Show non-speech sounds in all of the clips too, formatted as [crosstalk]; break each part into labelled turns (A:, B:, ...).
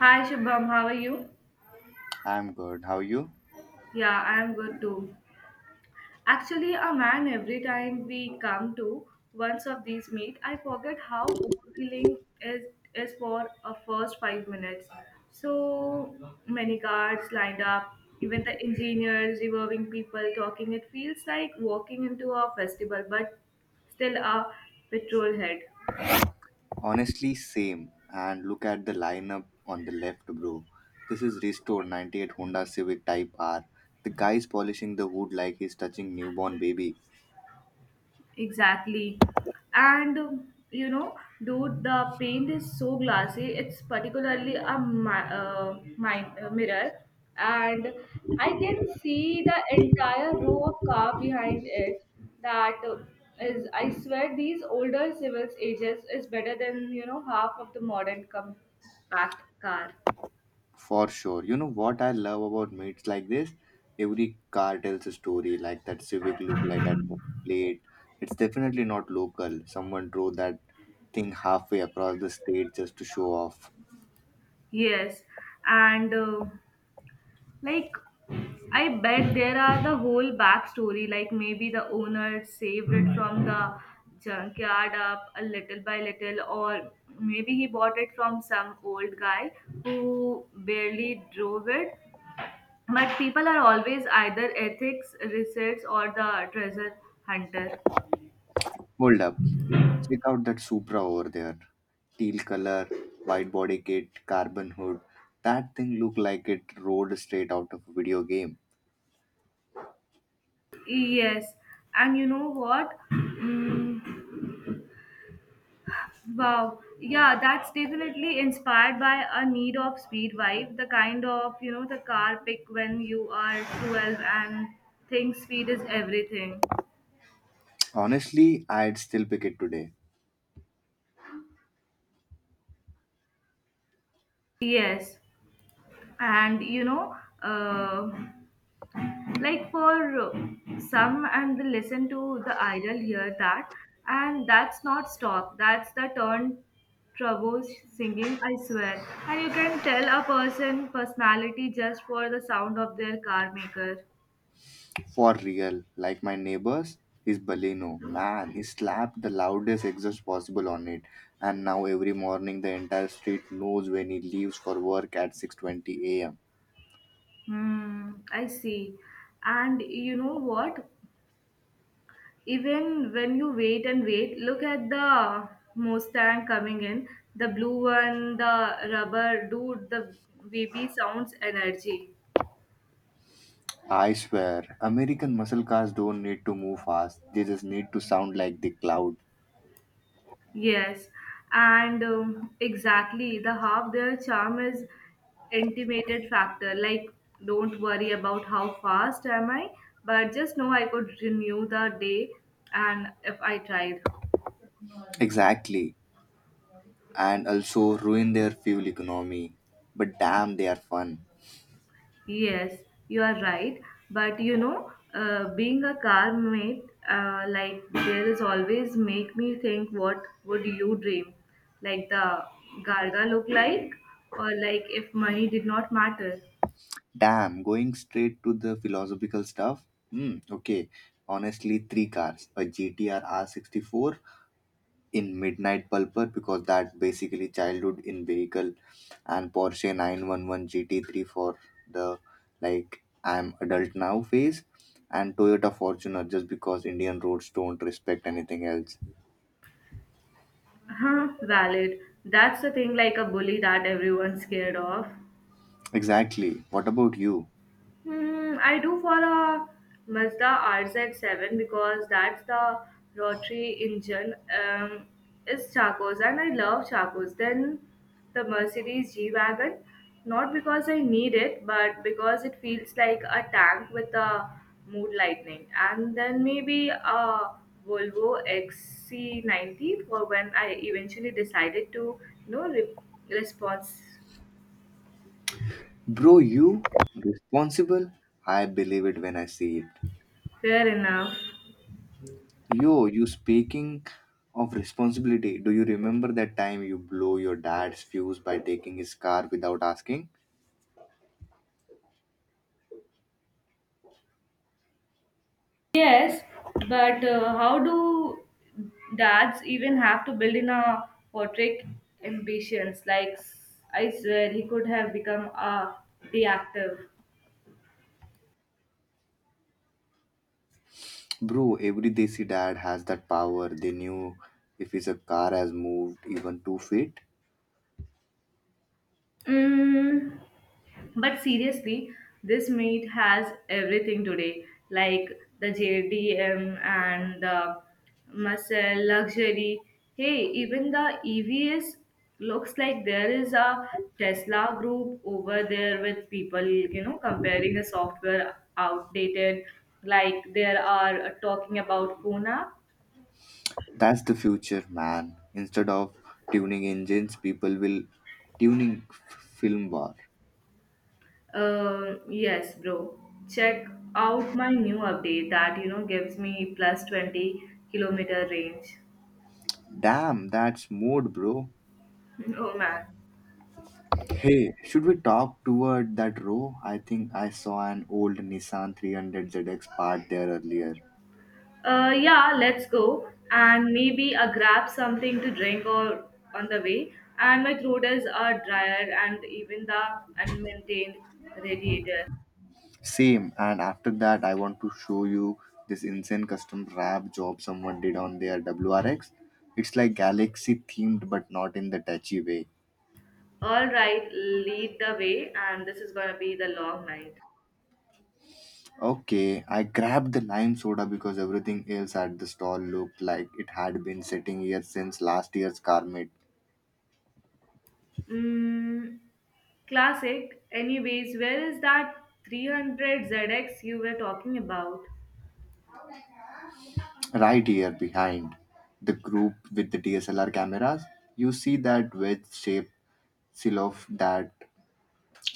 A: Hi Shubham, how are you?
B: I'm good. How are you?
A: Yeah, I'm good too. Actually, a man, every time we come to once of these meet, I forget how overwhelming is for a first 5 minutes. So many cars lined up, even the engineers, reviewing people talking. It feels like walking into a festival, but still a petrol head.
B: Honestly, same. And look at the lineup on the left, bro. This is restored 98 Honda Civic Type R. The guy's polishing the hood like he's touching newborn baby.
A: Exactly. And dude, the paint is so glassy. It's particularly a mirror, and I can see the entire row of car behind it. That uh, I swear, these older civils ages is better than half of the modern compact car.
B: For sure. You know what I love about meets like this? Every car tells a story like that Civic look like at the plate. It's definitely not local. Someone drove that thing halfway across the state just to show off.
A: Yes, and like I bet there are the whole backstory, like maybe the owner saved it from the junkyard up a little by little, or maybe he bought it from some old guy who barely drove it. But people are always either ethics, research, or the treasure hunter.
B: Hold up. Check out that Supra over there. Teal color, wide body kit, carbon hood. That thing looked like it rode straight out of a video game.
A: Yes, and you know what? Mm. Wow. Yeah, that's definitely inspired by a need of speed vibe, the kind of, the car pick when you are 12 and think speed is everything.
B: Honestly, I'd still pick it today.
A: Yes. And, uh, for some and the listen to the idol hear that, and that's not stop. That's the turn trouble singing, I swear. And you can tell a person personality just for the sound of their car maker.
B: For real. Like my neighbors, his Baleno. Man, he slapped the loudest exhaust possible on it. And now every morning the entire street knows when he leaves for work at 6:20 a.m.
A: Hmm, I see. And you know what? Even when you wait and wait, look at the Mustang coming in, the blue one, the rubber dude, the baby sounds energy.
B: I swear, American muscle cars don't need to move fast. They just need to sound like the cloud.
A: Yes, and exactly the half their charm is intimated factor. Like, don't worry about how fast am I, but just know I could renew the day, and if I tried.
B: Exactly. And also ruin their fuel economy. But damn, they are fun.
A: Yes, you are right. But you know, being a car mate, there is always make me think what would you dream? Like the Garga look like? Or like if money did not matter?
B: Damn, going straight to the philosophical stuff? Hmm, okay. Honestly, three cars a GTR R64 in Midnight Pulper because that basically childhood in vehicle, and Porsche 911 GT3 for the like I'm adult now phase, and Toyota Fortuner just because Indian roads don't respect anything else.
A: [laughs] Huh, valid. That's the thing like a bully that everyone's scared of.
B: Exactly. What about you?
A: Hmm, I do for a Mazda RZ7 because that's the rotary engine is Chacos and I love Chacos. Then the Mercedes G-Wagon, not because I need it, but because it feels like a tank with a mood lightning. And then maybe a Volvo XC90 for when I eventually decided to, you know, re- response.
B: Bro, you responsible? I believe it when I see it.
A: Fair enough.
B: Yo, you speaking of responsibility, do you remember that time you blow your dad's fuse by taking his car without asking?
A: Yes, but how do dads even have to build in a portrait ambitions? Like I said, he could have become a the actor.
B: Bro, every Desi dad has that power. They knew if his car has moved even 2 feet.
A: Mm. But seriously, this meet has everything today, like the JDM and the muscle luxury. Hey, even the EVs looks like there is a Tesla group over there with people, comparing the software outdated. Like there are talking about Pune.
B: That's the future, man. Instead of tuning engines, people will tuning film bar.
A: Yes, bro. Check out my new update that gives me plus 20 kilometer range.
B: Damn, that's mode, bro.
A: [laughs] Oh man.
B: Hey, should we talk toward that row? I think I saw an old Nissan 300ZX parked there earlier.
A: Yeah, let's go. And maybe I grab something to drink or on the way. And my throat is drier and even the unmaintained radiator.
B: Same, and after that, I want to show you this insane custom wrap job someone did on their WRX. It's like Galaxy themed, but not in the touchy way.
A: All right, lead the way. And this is gonna be the long night.
B: Okay, I grabbed the lime soda because everything else at the stall looked like it had been sitting here since last year's Carmate.
A: Mm, classic. Anyways, where is that 300 ZX you were talking about?
B: Right here behind the group with the DSLR cameras, you see that wedge shaped silhouette, that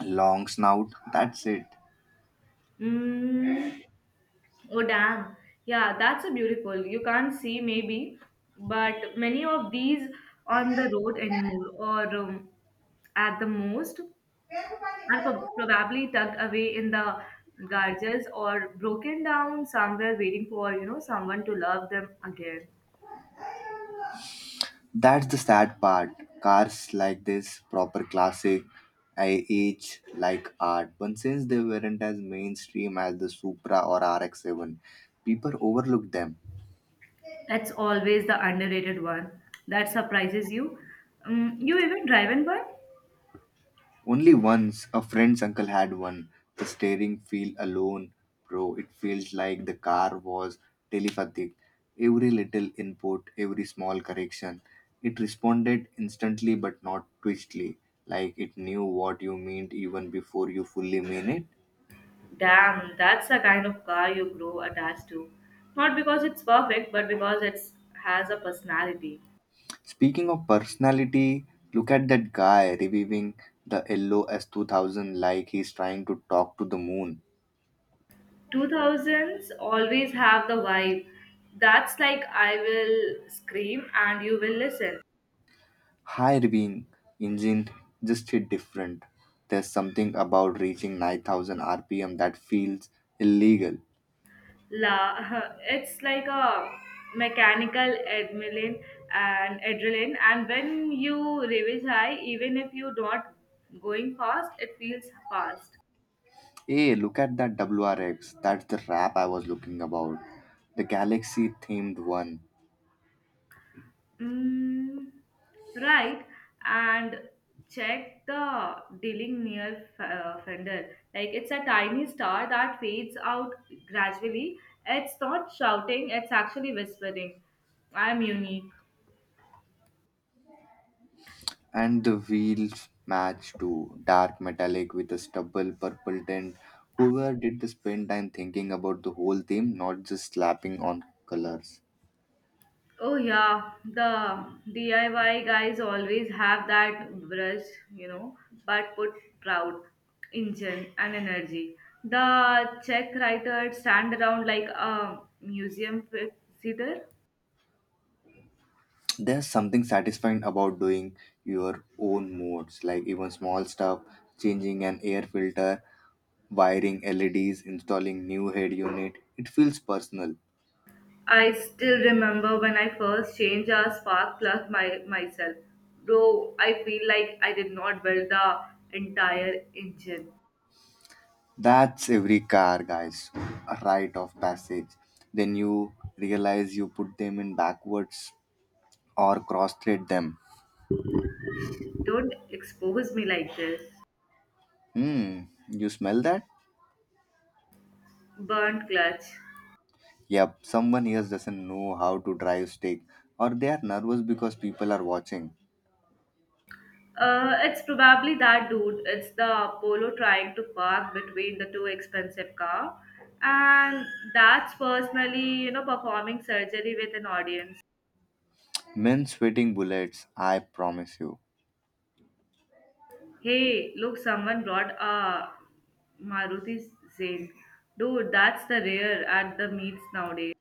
B: long snout. That's it.
A: Mm. Oh, damn. Yeah, that's a beautiful. You can't see maybe, but many of these on the road anymore, or at the most, are probably tucked away in the garages or broken down somewhere, waiting for someone to love them again.
B: That's the sad part. Cars like this, proper classic, I age like art, but since they weren't as mainstream as the Supra or RX 7, people overlooked them.
A: That's always the underrated one that surprises you. You even driven one?
B: Only once a friend's uncle had one. The steering feel alone, bro. It feels like the car was telepathic. Every little input, every small correction, it responded instantly but not twistly. Like it knew what you meant even before you fully mean it.
A: Damn, that's the kind of car you grow attached to. Not because it's perfect, but because it has a personality.
B: Speaking of personality, look at that guy reviewing the yellow S2000 like he's trying to talk to the moon.
A: 2000s always have the vibe. That's like I will scream and you will listen.
B: Higher being engine just hit different. There's something about reaching 9,000 RPM that feels illegal.
A: La, [laughs] it's like a mechanical adrenaline and adrenaline. And when you revise high, even if you not going fast, it feels fast.
B: Hey, look at that WRX. That's the wrap I was looking about. The galaxy themed one.
A: Mm, right, and check the dealing near fender. Like it's a tiny star that fades out gradually. It's not shouting, it's actually whispering. I'm unique.
B: And the wheels match too. Dark metallic with a stubble purple tint. Whoever did the spend time thinking about the whole theme, not just slapping on colors.
A: Oh yeah, the DIY guys always have that brush, you know, but put proud engine and energy. The Czech writer stand around like a museum visitor.
B: There's something satisfying about doing your own modes, like even small stuff, changing an air filter, wiring leds, installing new head unit, it feels personal.
A: I still remember when I first changed a spark plug myself. Though I feel like I did not build the entire engine.
B: That's every car guys a rite of passage. Then you realize you put them in backwards or cross-thread them.
A: Don't expose me like this.
B: Hmm, you smell that?
A: Burnt clutch.
B: Yep, someone here doesn't know how to drive stick, or they are nervous because people are watching.
A: It's probably that dude. It's the Polo trying to park between the two expensive car, and that's personally, performing surgery with an audience.
B: Men sweating bullets, I promise you.
A: Hey, look, someone brought a Maruti Zen. Dude, that's the rare at the meets nowadays.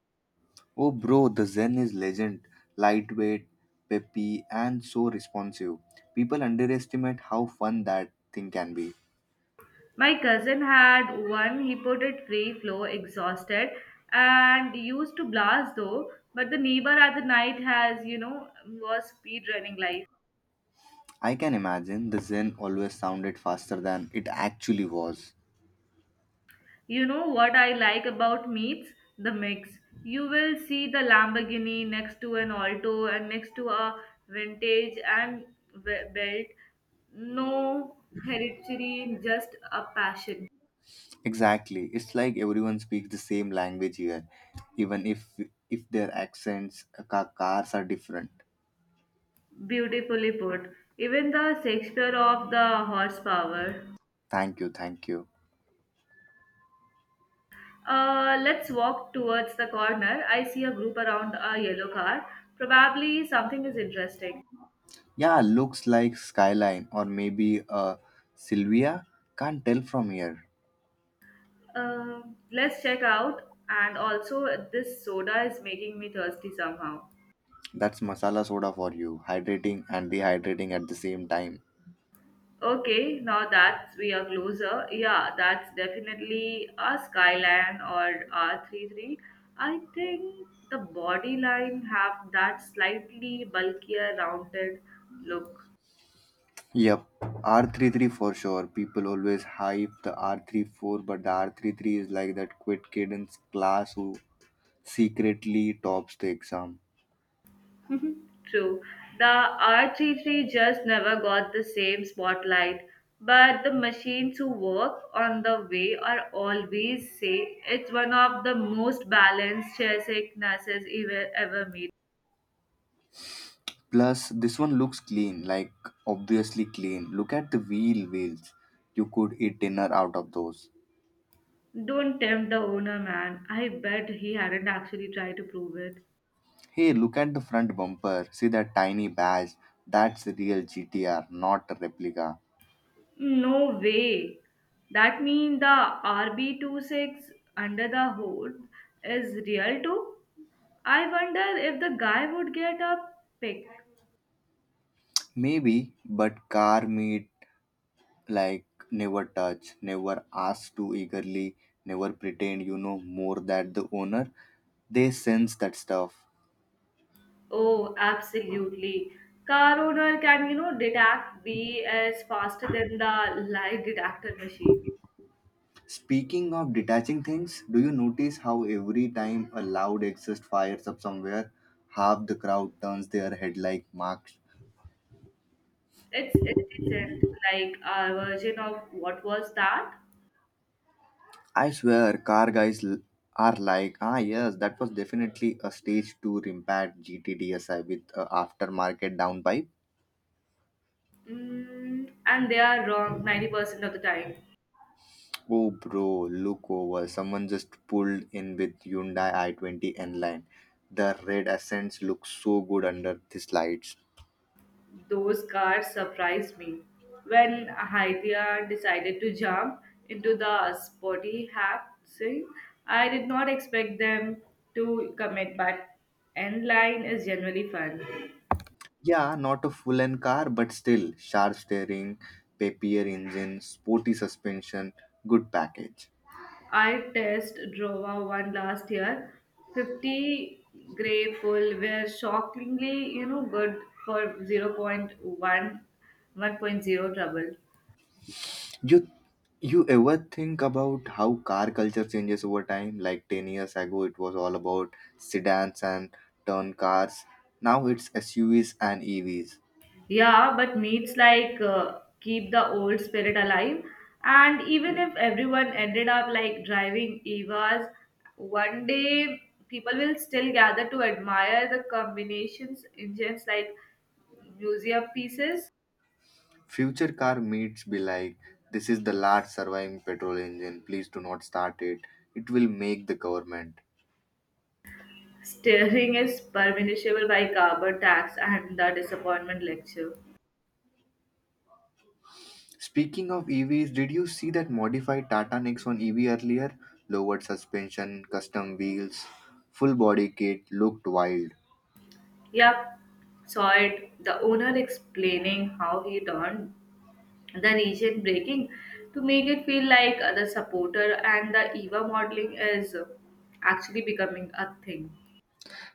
B: Oh, bro, the Zen is legend. Lightweight, peppy, and so responsive. People underestimate how fun that thing can be.
A: My cousin had one. He put it free flow, exhausted, and used to blast though. But the neighbor at the night has, was speed running like.
B: I can imagine the Zen always sounded faster than it actually was.
A: You know what I like about meats? The mix. You will see the Lamborghini next to an Alto and next to a vintage and belt. No hereditary, just a passion.
B: Exactly. It's like everyone speaks the same language here, even if their accents, cars are different.
A: Beautifully put. Even the Shakespeare of the horsepower.
B: Thank you, thank you.
A: Let's walk towards the corner. I see a group around a yellow car. Probably something is interesting.
B: Yeah, looks like skyline or maybe Sylvia. Can't tell from here.
A: Uh, let's check out. And also, this soda is making me thirsty somehow.
B: That's masala soda for you, hydrating and dehydrating at the same time.
A: Okay, now that we are closer, yeah, that's definitely a Skyline or R33. I think the body line have that slightly bulkier, rounded look.
B: Yep, R33 for sure. People always hype the R34, but the R33 is like that quit kid in class who secretly tops the exam.
A: True. The RT3 just never got the same spotlight, but the machines who work on the way are always say it's one of the most balanced chess sicknesses ever made.
B: Plus, this one looks clean, like obviously clean. Look at the wheels. You could eat dinner out of those.
A: Don't tempt the owner, man. I bet he hadn't actually tried to prove it.
B: Hey, look at the front bumper. See that tiny badge? That's the real GTR, not a replica.
A: No way. That means the RB26 under the hood is real too? I wonder if the guy would get a pick.
B: Maybe, but car meet like never touch, never ask too eagerly, never pretend you know more than the owner. They sense that stuff.
A: Oh, absolutely. Car owner can, detect BS faster than the lie detector machine.
B: Speaking of detaching things, do you notice how every time a loud exhaust fires up somewhere, half the crowd turns their head like marks?
A: It isn't like a version of what was that?
B: I swear, car guys are like, ah, yes, that was definitely a stage 2 Rimpat GTDSI with a aftermarket downpipe.
A: Mm, and they are wrong 90% of the time.
B: Oh, bro, look over. Someone just pulled in with Hyundai i20 N-Line. The red Ascents look so good under these lights.
A: Those cars surprised me. When Haitia decided to jump into the spotty hap sink, I did not expect them to commit, but end line is generally fun.
B: Yeah, not a full-end car, but still, sharp steering, papier engine, sporty suspension, good package.
A: I test drove one last year. 50 gray pull were shockingly, good for 0.1, one point zero trouble.
B: You you ever think about how car culture changes over time? Like 10 years ago, it was all about sedans and turn cars. Now it's SUVs and EVs.
A: Yeah, but meets like keep the old spirit alive. And even if everyone ended up like driving Evas, one day people will still gather to admire the combinations engines like museum pieces.
B: Future car meets be like, this is the last surviving petrol engine. Please do not start it. It will make the government.
A: Steering is punishable by carbon tax and the disappointment lecture.
B: Speaking of EVs, did you see that modified Tata Nexon EV earlier? Lowered suspension, custom wheels, full body kit looked wild.
A: Yep, saw it. The owner explaining how he turned the region breaking to make it feel like the supporter and the EVA modeling is actually becoming a thing.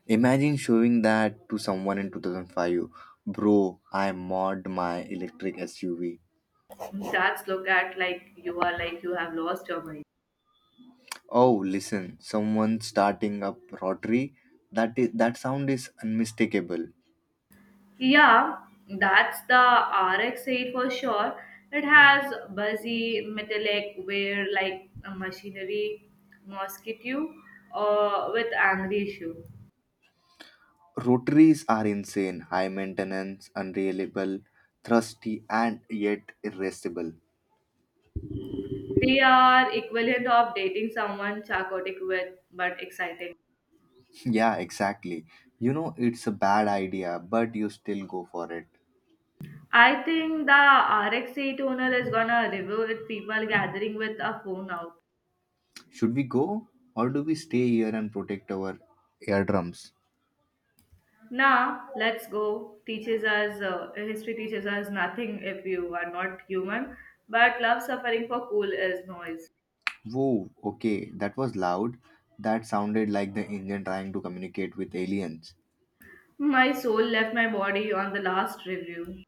B: Imagine showing that to someone in 2005. Bro, I mod my electric SUV.
A: That's look at like you are like you have lost your mind.
B: Oh, listen, someone starting up rotary. That sound is unmistakable.
A: Yeah, that's the RX-8 for sure. It has buzzy metallic wear like a machinery mosquito or with angry shoe.
B: Rotaries are insane, high maintenance, unreliable, thrusty, and yet irascible.
A: They are equivalent of dating someone psychotic with but exciting.
B: [laughs] Yeah, exactly. You know, it's a bad idea, but you still go for it.
A: I think the RX-8 owner is gonna review it people gathering with a phone out.
B: Should we go, or do we stay here and protect our eardrums?
A: Nah, let's go. Teaches us, history teaches us nothing if you are not human, but love suffering for cool is noise.
B: Whoa, okay, that was loud. That sounded like the engine trying to communicate with aliens.
A: My soul left my body on the last review.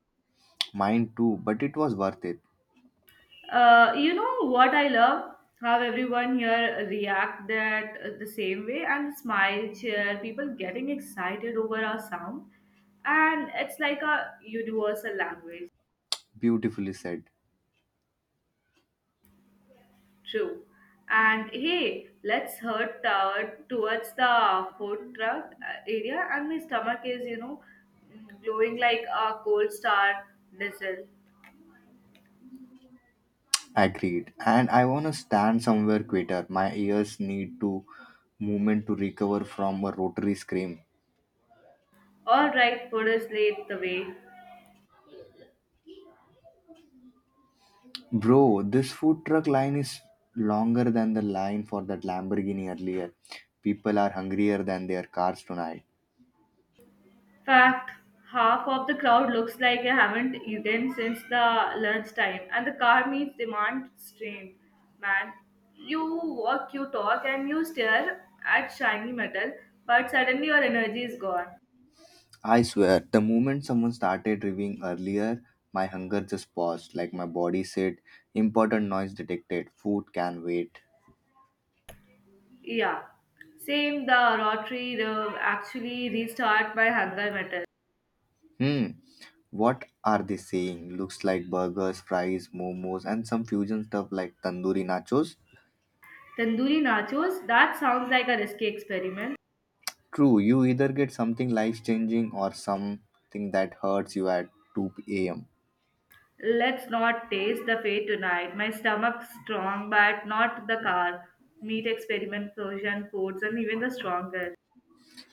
B: Mine too, but it was worth it.
A: You know what I love? How everyone here react that the same way and smile, cheer, people getting excited over our sound. And it's like a universal language.
B: Beautifully said.
A: True. And hey, let's head towards the food truck area, and my stomach is, glowing like a cold star missile.
B: Agreed. And I want to stand somewhere quieter. My ears need to movement to recover from a rotary scream.
A: All right, food is laid the way.
B: Bro, this food truck line is longer than the line for that Lamborghini earlier. People are hungrier than their cars tonight.
A: Fact, half of the crowd looks like I haven't eaten since the lunchtime, and the car meets demand strained. Man, you walk, you talk, and you stare at shiny metal, but suddenly your energy is gone.
B: I swear, the moment someone started reviewing earlier, my hunger just paused. Like my body said, important noise detected. Food can wait.
A: Yeah, same. The rotary rub actually restart by hunger metal.
B: Hmm. What are they saying? Looks like burgers, fries, momos, and some fusion stuff like tandoori nachos.
A: Tandoori nachos, that sounds like a risky experiment.
B: True, you either get something life changing or something that hurts you at 2 am.
A: Let's not taste the fate tonight. My stomach's strong, but not the car. Meat experiment, Persian foods, and even the stronger.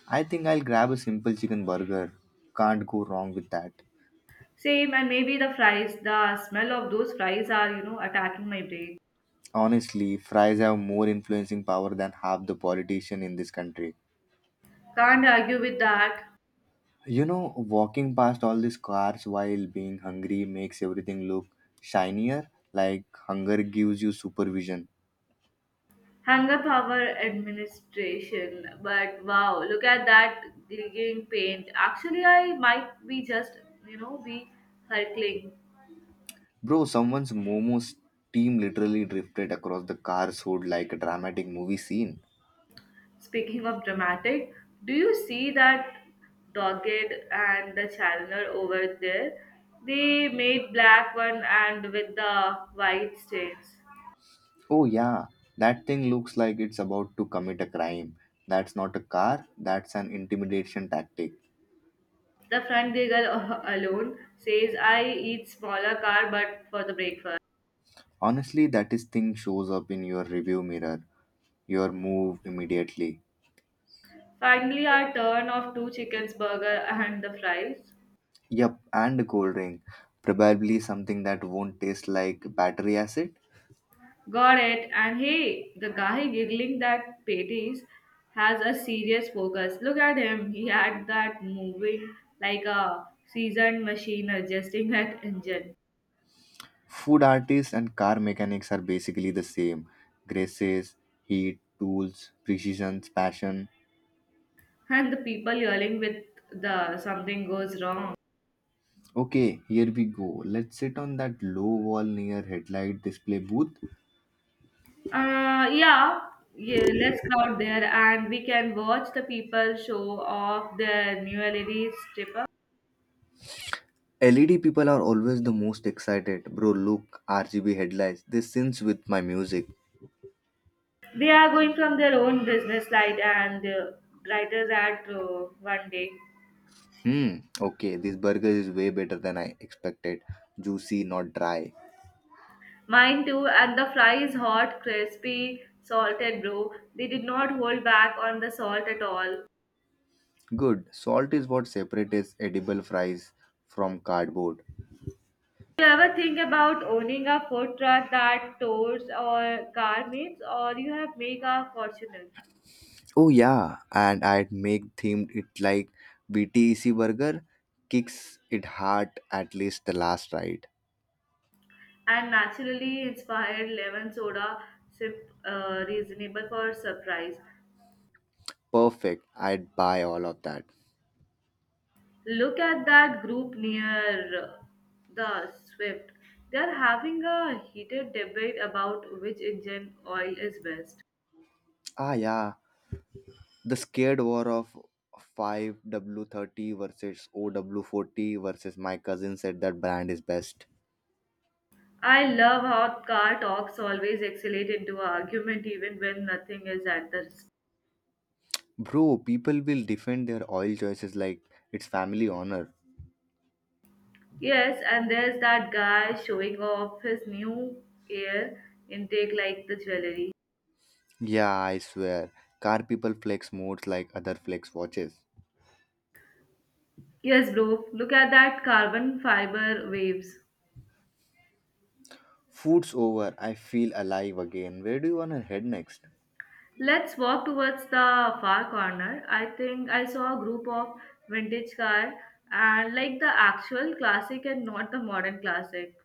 B: I think I'll grab a simple chicken burger. Can't go wrong with that.
A: Same, and maybe the fries. The smell of those fries are, attacking my brain.
B: Honestly, fries have more influencing power than half the politician in this country.
A: Can't argue with that.
B: You know, walking past all these cars while being hungry makes everything look shinier, like hunger gives you supervision.
A: Hung up our administration, but wow, look at that giggling paint. Actually, I might be just, be circling.
B: Bro, someone's momos team literally drifted across the car's hood like a dramatic movie scene.
A: Speaking of dramatic, do you see that dogged and the chandler over there? They made black one and with the white stains.
B: Oh, yeah, that thing looks like it's about to commit a crime. That's not a car, that's an intimidation tactic.
A: The front giggle [laughs] alone says I eat smaller car but for the breakfast.
B: Honestly, that is thing shows up in your review mirror. Your move immediately.
A: Finally our turn of two chickens burger and the fries.
B: Yup, and a cold drink. Probably something that won't taste like battery acid.
A: Got it. And hey, the guy giggling that patties has a serious focus. Look at him. He had that moving like a seasoned machine adjusting that engine.
B: Food artists and car mechanics are basically the same. Graces, heat, tools, precision, passion.
A: And the people yelling with the something goes wrong.
B: Okay, here we go. Let's sit on that low wall near headlight display booth.
A: Uh, yeah, yeah, let's crowd there and we can watch the people show off their new LED stripper.
B: LED people are always the most excited. Bro, look, RGB headlights. This syncs with my music.
A: They are going from their own business light and brighters at one day.
B: Hmm, okay, this burger is way better than I expected. Juicy, not dry.
A: Mine too, and the fry is hot, crispy, salted, bro. They did not hold back on the salt at all.
B: Good. Salt is what separates edible fries from cardboard.
A: Do you ever think about owning a food truck that tours or garments, or you have make a fortune?
B: Oh yeah, and I'd make themed it like BTEC burger kicks it hard at least the last ride.
A: And naturally inspired lemon soda, sip, reasonable for surprise.
B: Perfect. I'd buy all of that.
A: Look at that group near the Swift. They are having a heated debate about which engine oil is best.
B: Ah yeah, the scared war of 5W30 versus OW40 versus my cousin said that brand is best.
A: I love how car talks always escalate into an argument even when nothing is at the risk.
B: Bro, people will defend their oil choices like it's family honor.
A: Yes, and there's that guy showing off his new air intake like the jewelry.
B: Yeah, I swear. Car people flex modes like other flex watches.
A: Yes, bro, look at that carbon fiber waves.
B: Food's over. I feel alive again. Where do you want to head next?
A: Let's walk towards the far corner. I think I saw a group of vintage car and like the actual classic and not the modern classic.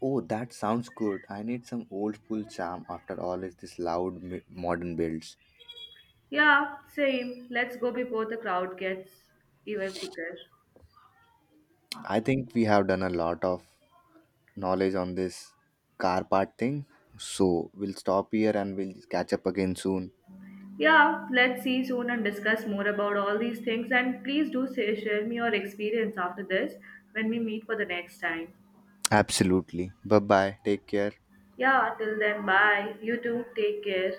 B: Oh, that sounds good. I need some old school charm after all is this loud modern builds.
A: Yeah, same. Let's go before the crowd gets even thicker.
B: I think we have done a lot of knowledge on this car part thing. So we'll stop here and we'll catch up again soon.
A: Yeah, let's see soon and discuss more about all these things. And please do say, share me your experience after this when we meet for the next time.
B: Absolutely. Bye bye. Take care.
A: Yeah, till then, bye. You too, take care.